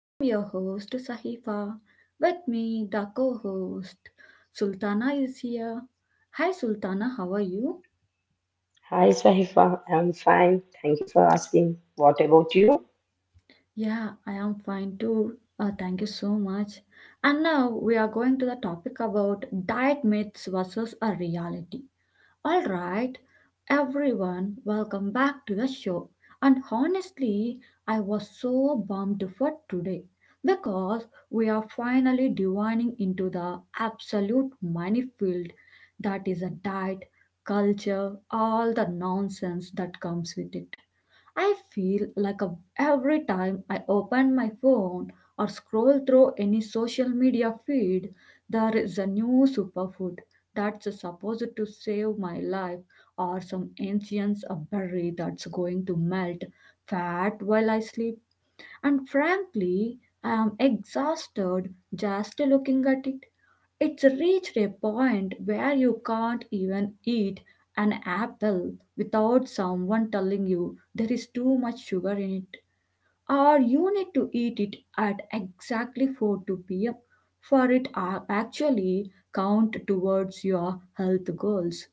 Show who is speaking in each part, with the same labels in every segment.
Speaker 1: I am your host Sahifa. With me the co-host Sultana is here. Hi Sultana, how are you?
Speaker 2: Hi, Sahifa. I'm fine. Thank you for asking. What about you?
Speaker 1: Yeah, I am fine too. Thank you so much. And now we are going to the topic about diet myths versus a reality. All right, everyone, welcome back to the show. And honestly, I was so bummed for today because we are finally divining into the absolute money field that is a diet, culture, all the nonsense that comes with it. I feel like a, every time I open my phone or scroll through any social media feed, there is a new superfood that's supposed to save my life or some ancient berry that's going to melt fat while I sleep. And frankly, I am exhausted just looking at it. It's reached a point where you can't even eat an apple without someone telling you there is too much sugar in it, or you need to eat it at exactly 4 p.m. for it actually count towards your health goals.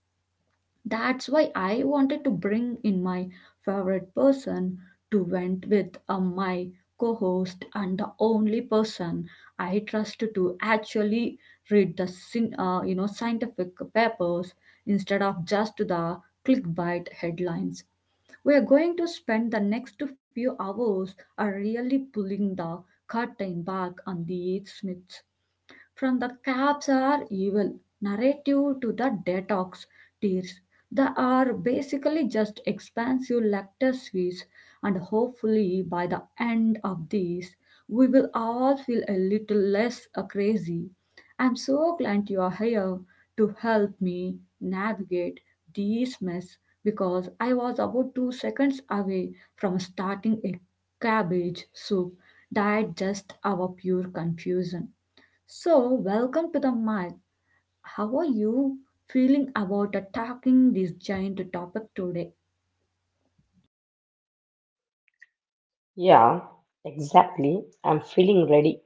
Speaker 1: That's why I wanted to bring in my favorite person to vent with my co host and the only person I trust to actually read the you know scientific papers instead of just the clickbait headlines. We are going to spend the next few hours are really pulling the curtain back on the Smiths. From the cabs are evil narrative to the detox tears. They are basically just expensive lactate sweets, and hopefully, by the end of this, we will all feel a little less crazy. I'm so glad you are here to help me navigate this mess because I was about 2 seconds away from starting a cabbage soup that just our pure confusion. So, welcome to the mic. How are you feeling about attacking this giant topic today?
Speaker 2: Yeah, exactly. I'm feeling ready,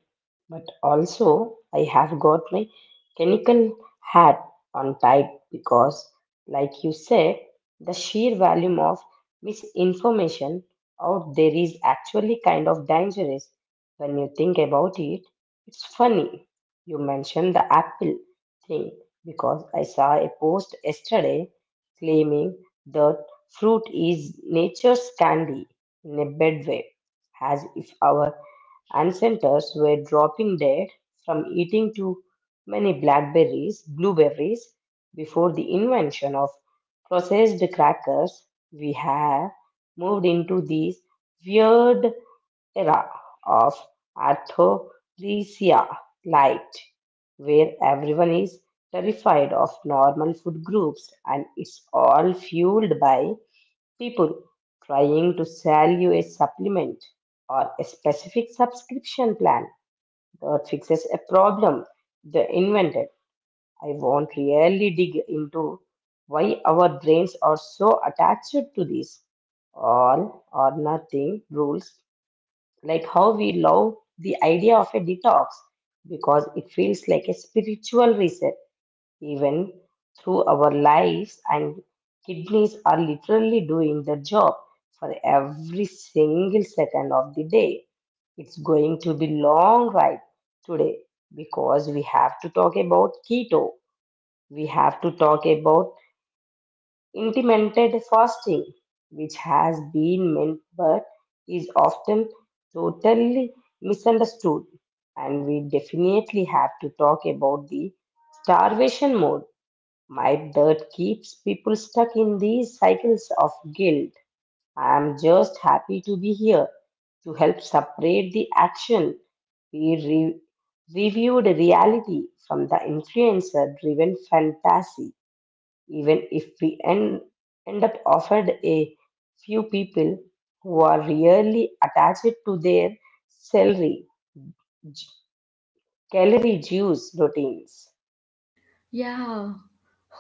Speaker 2: but also I have got my chemical hat on tight because, like you said, the sheer volume of misinformation out there is actually kind of dangerous when you think about it. It's funny you mentioned the Apple thing because I saw a post yesterday claiming that fruit is nature's candy in a bad way, as if our ancestors were dropping dead from eating too many blackberries, blueberries. Before the invention of processed crackers, we have moved into this weird era of orthorexia light, where everyone is terrified of normal food groups, and it's all fueled by people trying to sell you a supplement or a specific subscription plan that fixes a problem they invented. I won't really dig into why our brains are so attached to these all or nothing rules, like how we love the idea of a detox because it feels like a spiritual reset, even through our lives and kidneys are literally doing their job for every single second of the day. It's going to be long ride today because we have to talk about keto. We have to talk about intermittent fasting, which has been meant but is often totally misunderstood. And we definitely have to talk about the starvation mode my dirt keeps people stuck in these cycles of guilt. I am just happy to be here to help separate the action. We reviewed reality from the influencer driven fantasy, even if we end up offered a few people who are really attached to their salary, j- calorie juice routines.
Speaker 1: Yeah.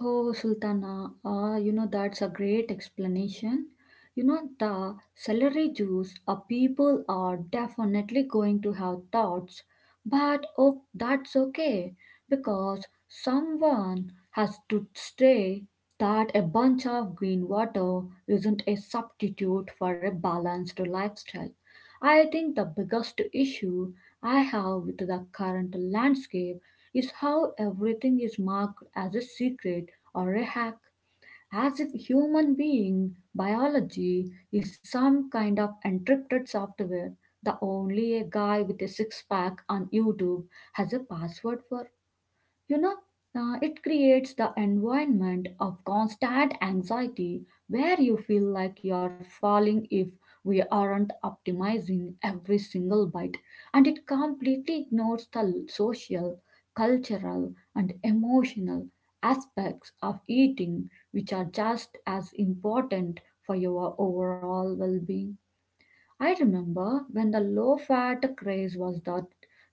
Speaker 1: Oh, Sultana. Ah, you know, that's a great explanation. You know, the celery juice, people are definitely going to have thoughts. But oh, that's okay because someone has to say that a bunch of green water isn't a substitute for a balanced lifestyle. I think the biggest issue I have with the current landscape is how everything is marked as a secret or a hack, as if human being biology is some kind of encrypted software. The only a guy with a six pack on YouTube has a password for you know, it creates the environment of constant anxiety where you feel like you're falling if we aren't optimizing every single bite, and it completely ignores the social, cultural, and emotional aspects of eating, which are just as important for your overall well being. I remember when the low fat craze was that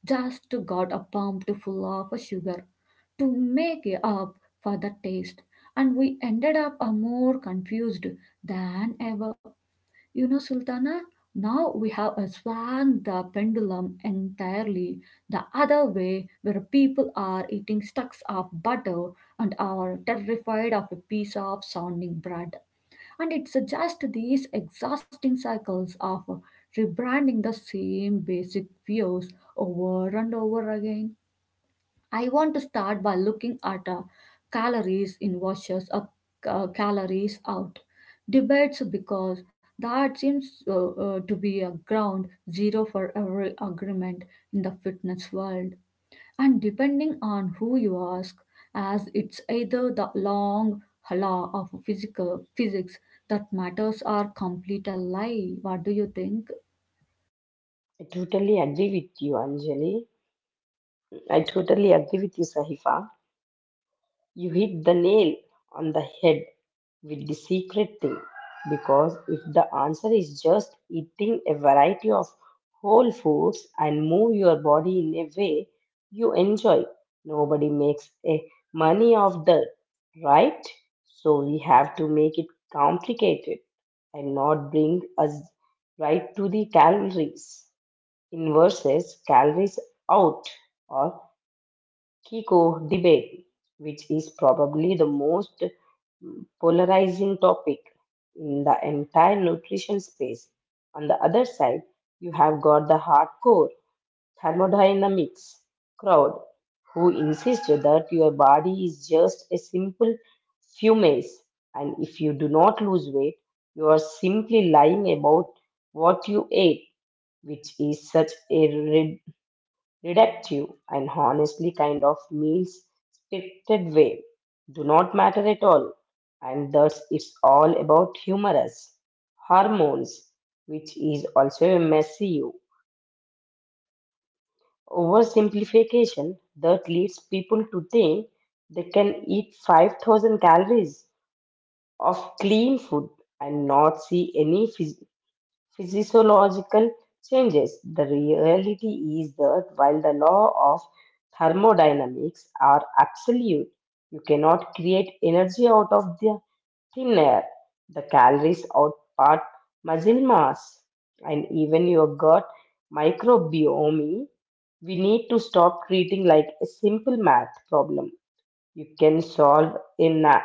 Speaker 1: just got a pumped full of sugar to make it up for the taste, and we ended up more confused than ever. You know, Sultana, now we have swung the pendulum entirely the other way, where people are eating stacks of butter and are terrified of a piece of sounding bread. And it just these exhausting cycles of rebranding the same basic fears over and over again. I want to start by looking at calories in versus calories out debates because that seems to be a ground zero for every agreement in the fitness world. And depending on who you ask, as it's either the long law of physical physics that matters or complete a lie. What do you think?
Speaker 2: I totally agree with you, Anjali. I totally agree with you, Sahifa. You hit the nail on the head with the secret thing, because if the answer is just eating a variety of whole foods and move your body in a way you enjoy, nobody makes a money of that, right? So we have to make it complicated, and not bring us right to the calories in versus calories out or Kiko debate, which is probably the most polarizing topic in the entire nutrition space. On the other side, you have got the hardcore thermodynamics crowd who insist that your body is just a simple fumes, and if you do not lose weight, you are simply lying about what you ate, which is such a reductive, and honestly kind of means scripted way, do not matter at all. And thus, it's all about humorous hormones, which is also a messy oversimplification that leads people to think they can eat 5,000 calories of clean food and not see any physiological changes. The reality is that while the law of thermodynamics are absolute, you cannot create energy out of the thin air. The calories outpart muscle mass and even your gut microbiome. We need to stop treating like a simple math problem you can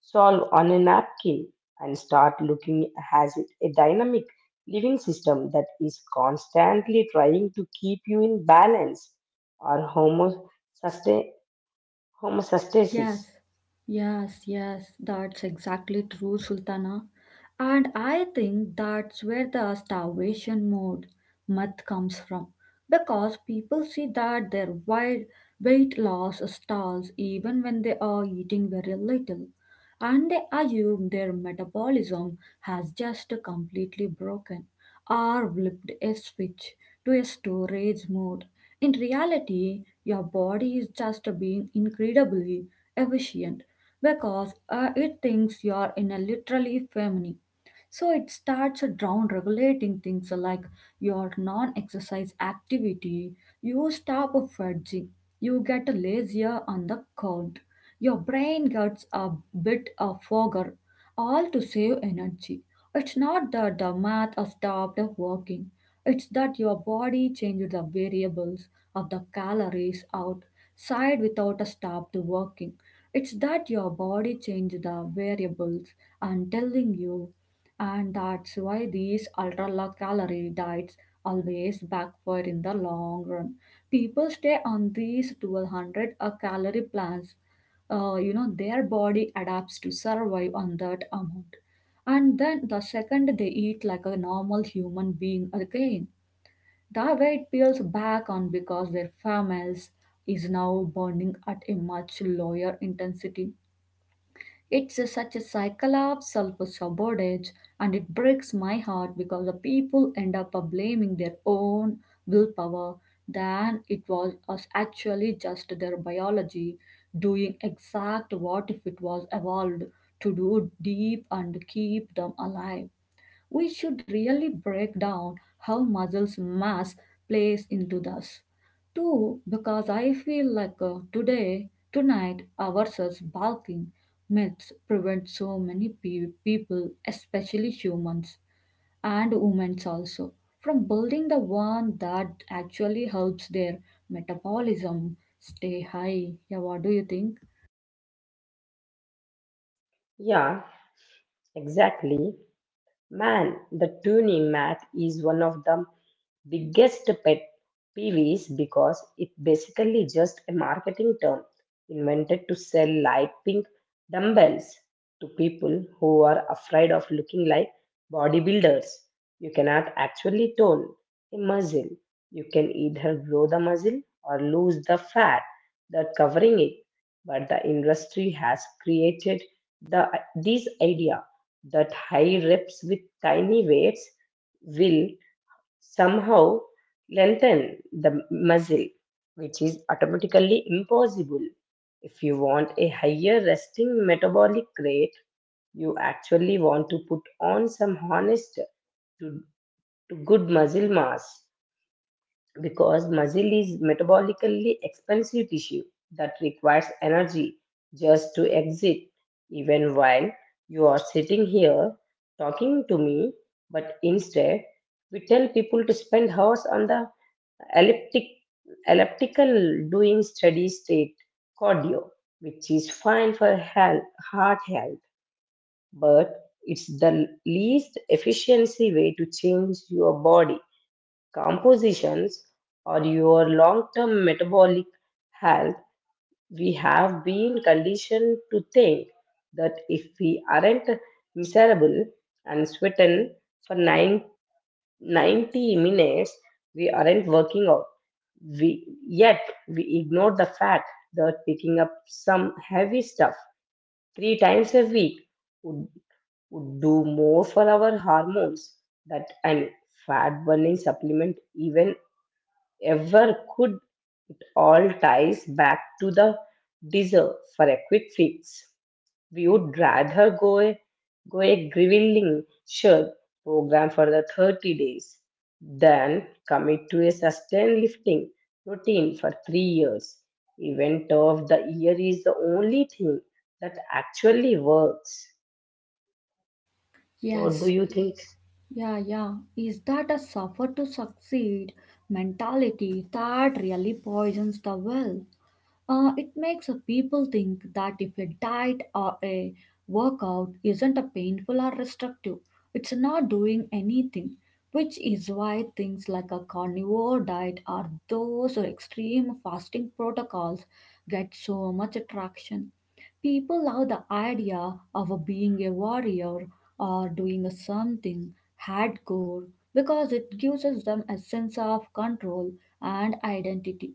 Speaker 2: solve on a napkin, and start looking as it a dynamic living system that is constantly trying to keep you in balance, or homostasis.
Speaker 1: Yes, yes, yes, that's exactly true, Sultana. And I think that's where the starvation mode myth comes from. Because people see that their weight loss stalls even when they are eating very little, and they assume their metabolism has just completely broken or flipped a switch to a storage mode. In reality, your body is just being incredibly efficient because it thinks you are in a literally famine. So it starts down regulating things like your non exercise activity. You stop fudging. You get lazier on the count. Your brain gets a bit of fogger, all to save energy. It's not that the math stopped working, it's that your body changed the variables of the calories out side without a stop working. It's that your body changed the variables and telling you and that's why these ultra low calorie diets always backfire in the long run. People stay on these 1200 a calorie plans. You know, their body adapts to survive on that amount. And then the second they eat like a normal human being again, the weight peels back on because their females is now burning at a much lower intensity. It's such a cycle of self sabotage, and it breaks my heart because the people end up blaming their own willpower than it was us actually just their biology doing exact what if it was evolved to do deep and keep them alive. We should really break down how muscles mass plays into this. Too, because I feel like today, tonight, ourselves barking myths prevent so many people, especially humans and women also, from building the one that actually helps their metabolism stay high. Yeah, what do you think?
Speaker 2: Yeah, exactly. Man, the tuning mat is one of the biggest pet peeves because it basically just a marketing term invented to sell light pink dumbbells to people who are afraid of looking like bodybuilders. You cannot actually tone a muscle. You can either grow the muscle or lose the fat that covering it. But the industry has created the this idea that high reps with tiny weights will somehow lengthen the muscle, which is automatically impossible. If you want a higher resting metabolic rate, you actually want to put on some honest to, to good muscle mass, because muscle is metabolically expensive tissue that requires energy just to exist even while you are sitting here talking to me. But instead, we tell people to spend hours on the elliptic elliptical doing steady state cardio, which is fine for health, heart health, but it's the least efficiency way to change your body compositions, or your long term metabolic health. We have been conditioned to think that if we aren't miserable and sweating for 90 minutes, we aren't working out. Yet, we ignore the fact that picking up some heavy stuff three times a week would, would do more for our hormones than an fat burning supplement even ever could. All ties back to the desire for a quick fix. We would rather go a grueling shirt program for the 30 days than commit to a sustained lifting routine for 3 years. Event of the year is the only thing that actually works. What do
Speaker 1: Yes,
Speaker 2: you think?
Speaker 1: yeah, yeah. Is that a suffer to succeed mentality that really poisons the well? It makes a people think that if a diet or a workout isn't a painful or restrictive, it's not doing anything, which is why things like a carnivore diet or those extreme fasting protocols get so much attraction. People love the idea of being a warrior or doing something hardcore because it gives us them a sense of control and identity.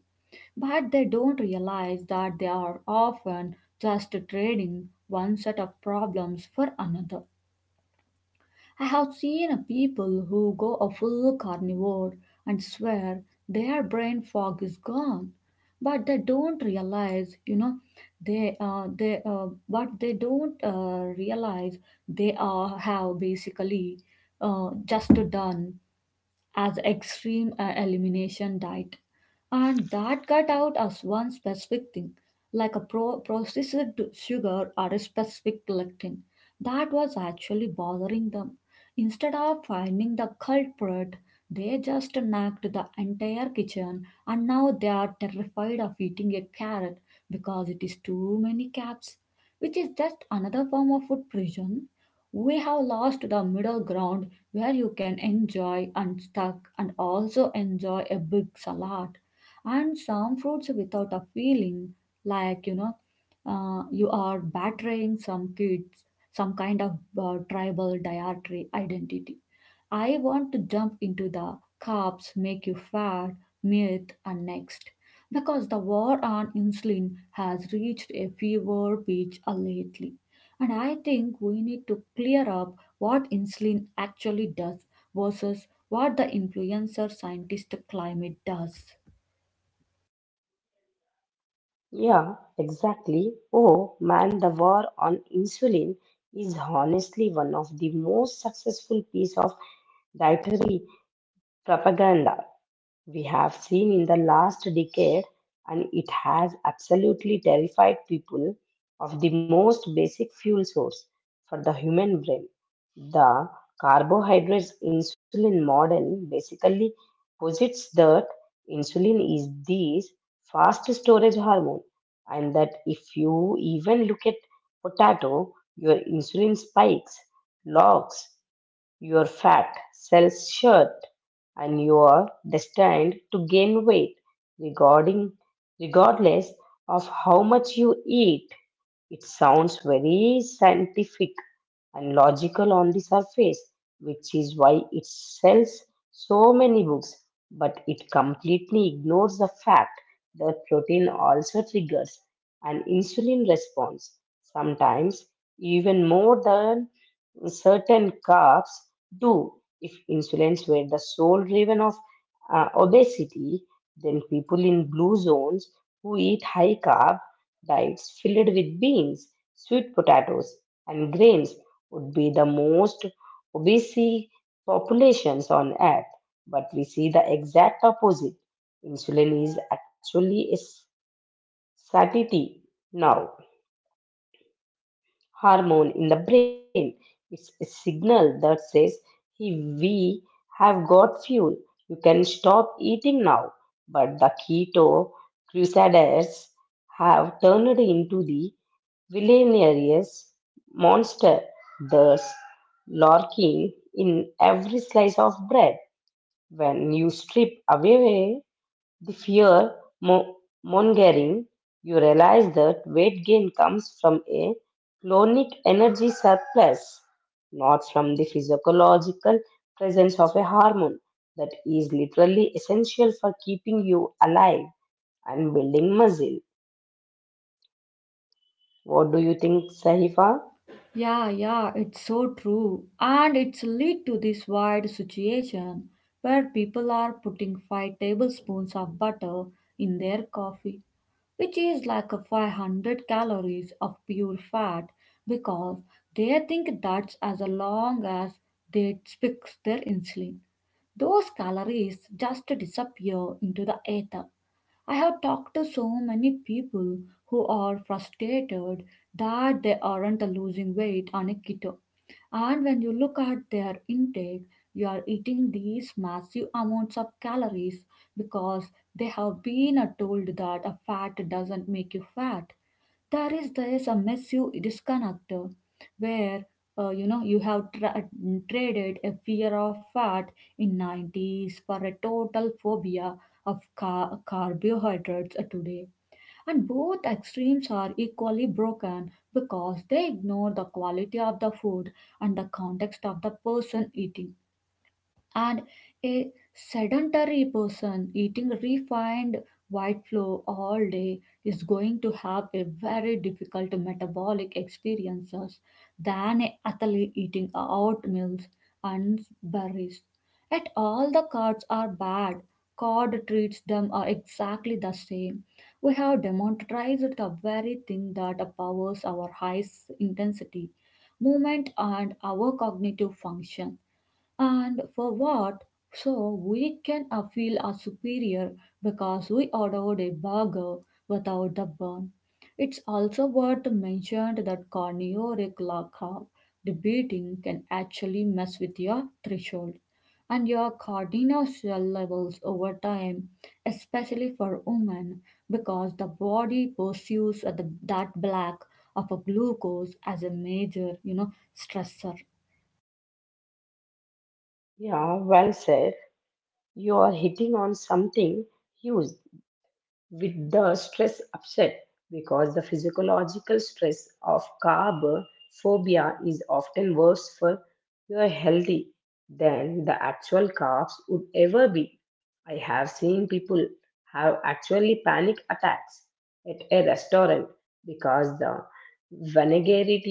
Speaker 1: But they don't realize that they are often just trading one set of problems for another. I have seen a people who go a full carnivore and swear their brain fog is gone, but they don't realize, you know, they but they don't realize they are have basically just done as extreme elimination diet. And that got out as one specific thing, like a processed sugar or a specific lectin. That was actually bothering them. Instead of finding the culprit, they just nagged the entire kitchen and now they are terrified of eating a carrot because it is too many caps, which is just another form of food prison. We have lost the middle ground where you can enjoy and stuck and also enjoy a big salad and some fruits without a feeling like you know you are battering some kids some kind of tribal dietary identity. I want to jump into the carbs make you fat myth and next because the war on insulin has reached a fever pitch lately, and I think we need to clear up what insulin actually does versus what the influencer scientist climate does.
Speaker 2: Yeah, exactly. Oh man, the war on insulin is honestly one of the most successful piece of dietary propaganda we have seen in the last decade, and it has absolutely terrified people of the most basic fuel source for the human brain. The carbohydrates insulin model basically posits that insulin is this fast storage hormone, and that if you even look at potato, your insulin spikes, logs, your fat cells shut, and you are destined to gain weight regarding regardless of how much you eat. It sounds very scientific and logical on the surface, which is why it sells so many books, but it completely ignores the fact that protein also triggers an insulin response, sometimes even more than certain carbs do. If insulins were the sole driven of obesity, then people in blue zones who eat high carb diets filled with beans, sweet potatoes, and grains would be the most obese populations on earth, but we see the exact opposite. Insulin is actually a s- satiety now hormone in the brain. It's a signal that says, hey, we have got fuel. You can stop eating now. But the keto crusaders have turned into the villainous monster thus lurking in every slice of bread. When you strip away the fear mo- mongering, you realize that weight gain comes from a chronic energy surplus, not from the physiological presence of a hormone that is literally essential for keeping you alive and building muscle. What do you think, Sahifa?
Speaker 1: Yeah, yeah, it's so true. And it's lead to this wide situation where people are putting 5 tablespoons of butter in their coffee, which is like a 500 calories of pure fat because they think that's as long as they fix their insulin. Those calories just disappear into the ether. I have talked to so many people who are frustrated that they aren't losing weight on a keto and when you look at their intake, you are eating these massive amounts of calories because they have been told that a fat doesn't make you fat. There is this a massive disconnect where you know you have traded a fear of fat in '90s for a total phobia of carbohydrates today. And both extremes are equally broken because they ignore the quality of the food and the context of the person eating and a sedentary person eating refined white flour all day is going to have a very difficult metabolic experiences than an athlete eating oat meals and berries. Yet all the cards are bad. God treats them are exactly the same. We have demonstrated the very thing that powers our high intensity movement and our cognitive function and for what? So we can feel are superior because we ordered a burger without the bun. It's also worth mentioning that carnivore glaucoma debating can actually mess with your threshold and your cortisol levels over time, especially for women, because the body pursues that black of a glucose as a major, you know, stressor.
Speaker 2: Yeah, well said. You are hitting on something huge with the stress upset, because the physiological stress of carbophobia is often worse for your health than the actual carbs would ever be. I have seen people have actually panic attacks at a restaurant because the vinaigrette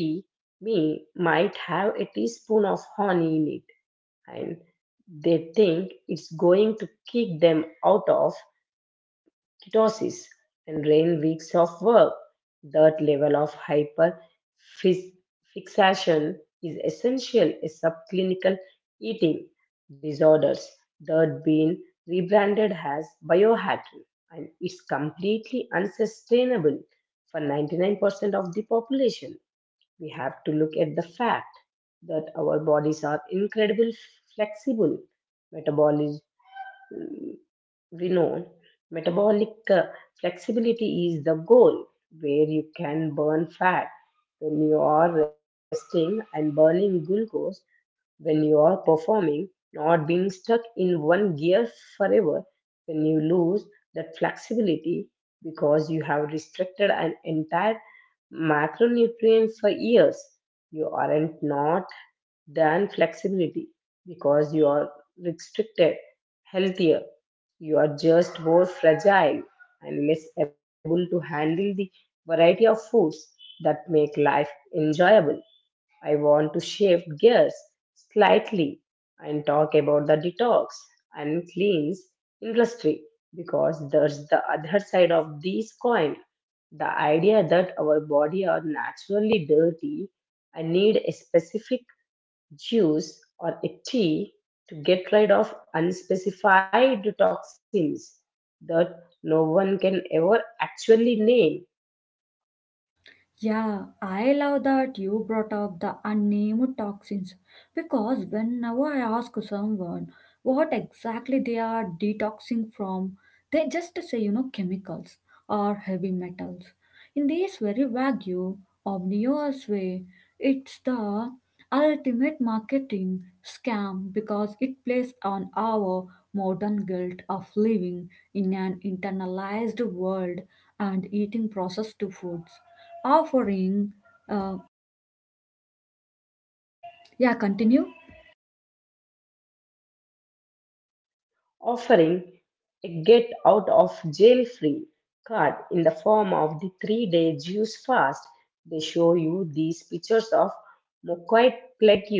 Speaker 2: me might have a teaspoon of honey in it, and they think it's going to kick them out of doses and rain weeks of work. That level of hyper fis- fixation is essential in subclinical eating disorders that been rebranded as biohacking, and it's completely unsustainable for 99% of the population. We have to look at the fact that our bodies are incredibly flexible. Metabolic we know metabolic flexibility is the goal, where you can burn fat when you are resting and burning glucose when you are performing, not being stuck in one gear forever. When you lose that flexibility because you have restricted an entire macronutrient for years, you aren't not than flexibility because you are restricted, healthier. You are just more fragile and less able to handle the variety of foods that make life enjoyable. I want to shift gears slightly and talk about the detox and cleans industry, because there's the other side of this coin: the idea that our body are naturally dirty and need a specific juice or a tea to get rid of unspecified toxins that no one can ever actually name,
Speaker 1: Yeah, I love that you brought up the unnamed toxins because whenever I ask someone what exactly they are detoxing from, they just say, you know, chemicals or heavy metals. In this very vague, obvious way, it's the ultimate marketing scam because it plays on our modern guilt of living in an internalized world and eating processed foods offering. Uh, yeah, continue.
Speaker 2: offering a get out of jail free card in the form of the 3-day Jews fast. They show you these pictures of mochoid plague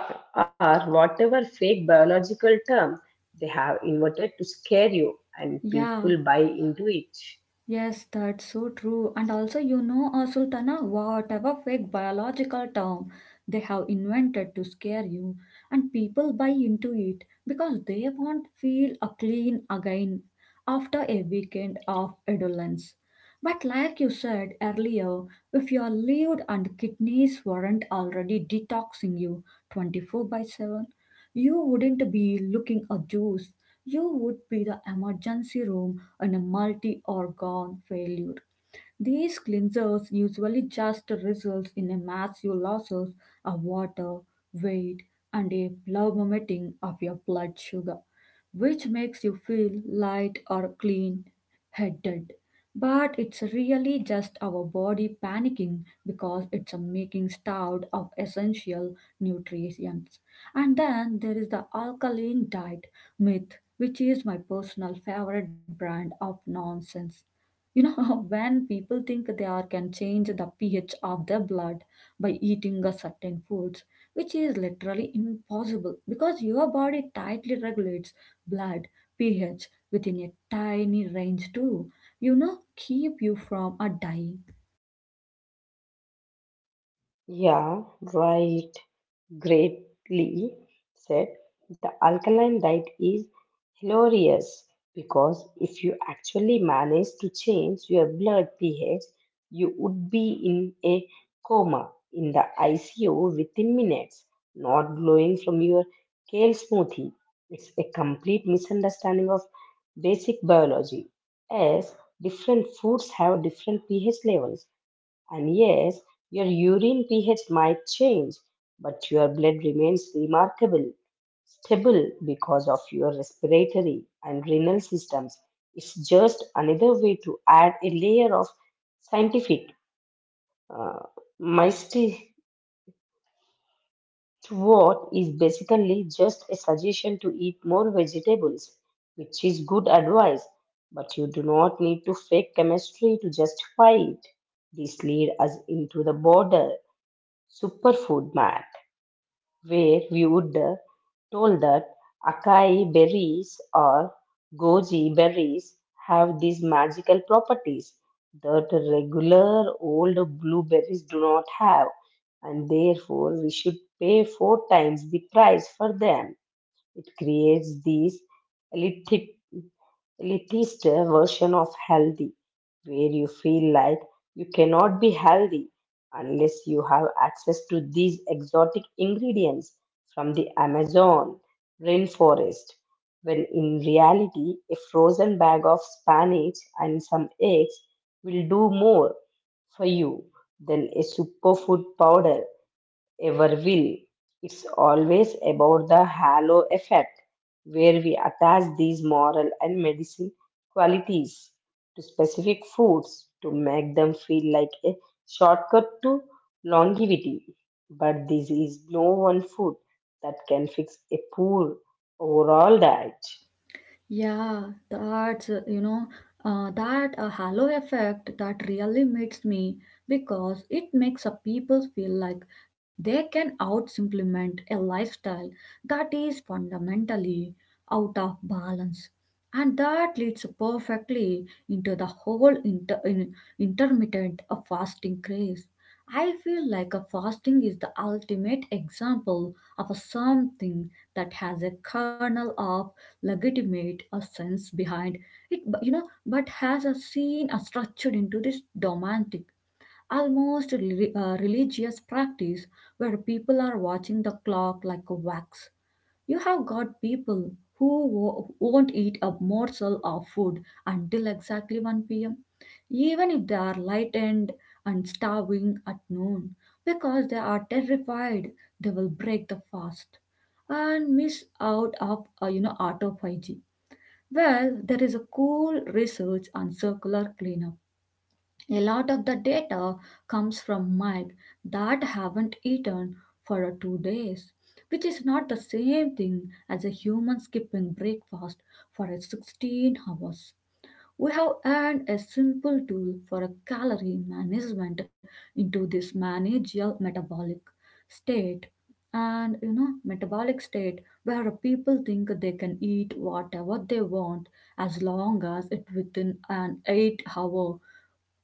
Speaker 2: or whatever fake biological term they have inverted to scare you, and
Speaker 1: Yeah,
Speaker 2: people buy into it.
Speaker 1: yes, that's so true. And also, you know, Sultana, whatever fake biological term they have invented to scare you, and people buy into it because they want feel a clean again after a weekend of indolence. But like you said earlier, if your liver and kidneys weren't already detoxing you 24 by 7, you wouldn't be looking a juice. You would be the emergency room and a multi organ failure. These cleansers usually just results in a massive losses of water, weight, and a plummeting of your blood sugar, which makes you feel light or clean headed. But it's really just our body panicking because it's a making starved of essential nutrients. And then there is the alkaline diet myth, which is my personal favorite brand of nonsense. You know, when people think they are can change the pH of their blood by eating a certain foods, which is literally impossible because your body tightly regulates blood pH within a tiny range to, you know, keep you from a dying.
Speaker 2: Yeah, right. Greatly said, the alkaline diet is hilarious, because if you actually managed to change your blood pH, you would be in a coma in the ICU within minutes, not glowing from your kale smoothie. It's a complete misunderstanding of basic biology, as different foods have different pH levels, and yes, your urine pH might change but your blood remains remarkable stable because of your respiratory and renal systems. It's just another way to add a layer of scientific uh, mystique to what is basically just a suggestion to eat more vegetables, which is good advice, but you do not need to fake chemistry to justify it. This leads us into the border superfood map, where we would told that acai berries or goji berries have these magical properties that regular old blueberries do not have, and therefore we should pay four times the price for them. It creates these, it is the version of healthy, where you feel like you cannot be healthy unless you have access to these exotic ingredients from the Amazon rainforest. When in reality, a frozen bag of spinach and some eggs will do more for you than a superfood powder ever will. It's always about the halo effect, where we attach these moral and medicine qualities to specific foods to make them feel like a shortcut to longevity. But this is no one food that can fix a poor overall diet.
Speaker 1: Yeah, that's, you know, that halo effect that really makes me because it makes a people feel like they can out implement a lifestyle that is fundamentally out of balance. And that leads perfectly into the whole intermittent fasting craze. I feel like a fasting is the ultimate example of a something that has a kernel of legitimate a sense behind it, you know, but has a scene, a structured into this romantic, almost religious practice where people are watching the clock like a wax. You have got people who won't eat a morsel of food until exactly 1 p.m., even if they are lightened and starving at noon, because they are terrified they will break the fast and miss out of you know autophagy well, there is a cool research on circular cleanup. A lot of the data comes from Mike that haven't eaten for 2 days, which is not the same thing as a human skipping breakfast for 16 hours. We have added a simple tool for a calorie management into this manageal metabolic state. And you know, metabolic state where a people think they can eat whatever they want as long as it within an 8-hour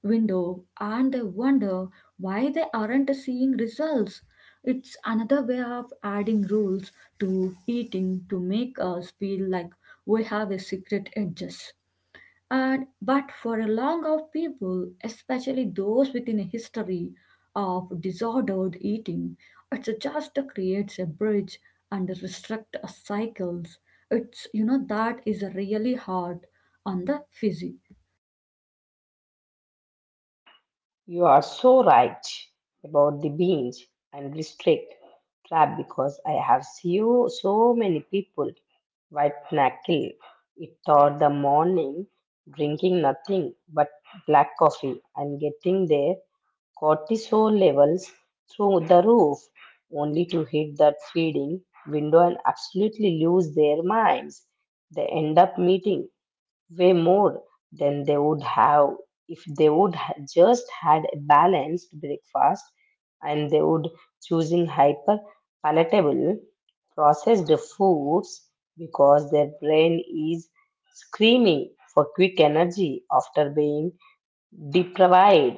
Speaker 1: window and they wonder why they aren't seeing results. It's another way of adding rules to eating to make us feel like we have a secret edges. And but for a long of people, especially those within a history of disordered eating, it just creates a bridge and restrict a cycles. It's you know that is really hard on the physique.
Speaker 2: You are so right about the binge and restrict trap, because I have seen so many people white knuckle it through the morning, drinking nothing but black coffee and getting their cortisol levels through the roof, only to hit that feeding window and absolutely lose their minds. They end up meeting way more than they would have if they would just had a balanced breakfast, and they would choosing hyper palatable processed foods because their brain is screaming for quick energy after being deprived.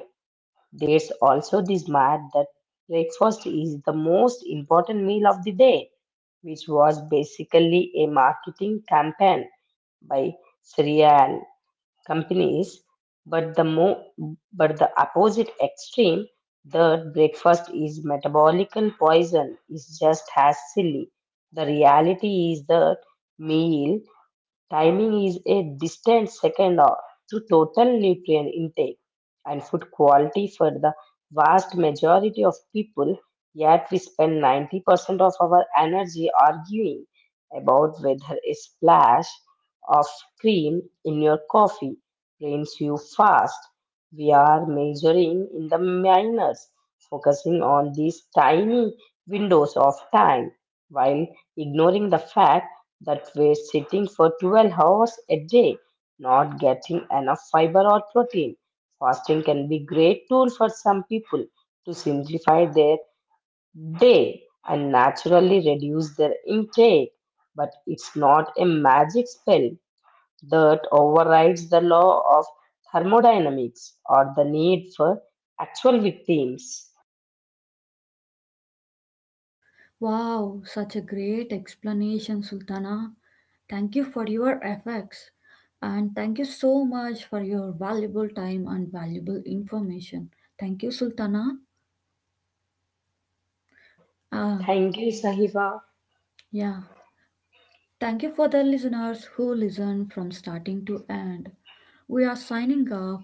Speaker 2: There's also this myth that breakfast is the most important meal of the day, which was basically a marketing campaign by cereal companies, but the but the opposite extreme, the breakfast is metabolical poison, is just as silly. The reality is that meal timing is a distant second or to total nutrient intake and food quality for the vast majority of people. Yet we spend 90% of our energy arguing about whether a splash of cream in your coffee drains you fast. We are measuring in the minors, focusing on these tiny windows of time while ignoring the fact that were sitting for 12 hours a day, not getting enough fiber or protein. Fasting can be great tool for some people to simplify their day and naturally reduce their intake, but it's not a magic spell that overrides the law of thermodynamics or the need for actual victims.
Speaker 1: Wow, such a great explanation, Sultana. Thank you for your efforts and thank you so much for your valuable time and valuable information. Thank you, Sultana. Ah,
Speaker 2: Thank you, Sahiba.
Speaker 1: yeah. Thank you for the listeners who listen from starting to end. We are signing off.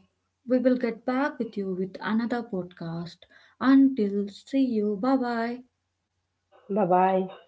Speaker 1: We will get back with you with another podcast. Until see you. Bye bye.
Speaker 2: Bye bye.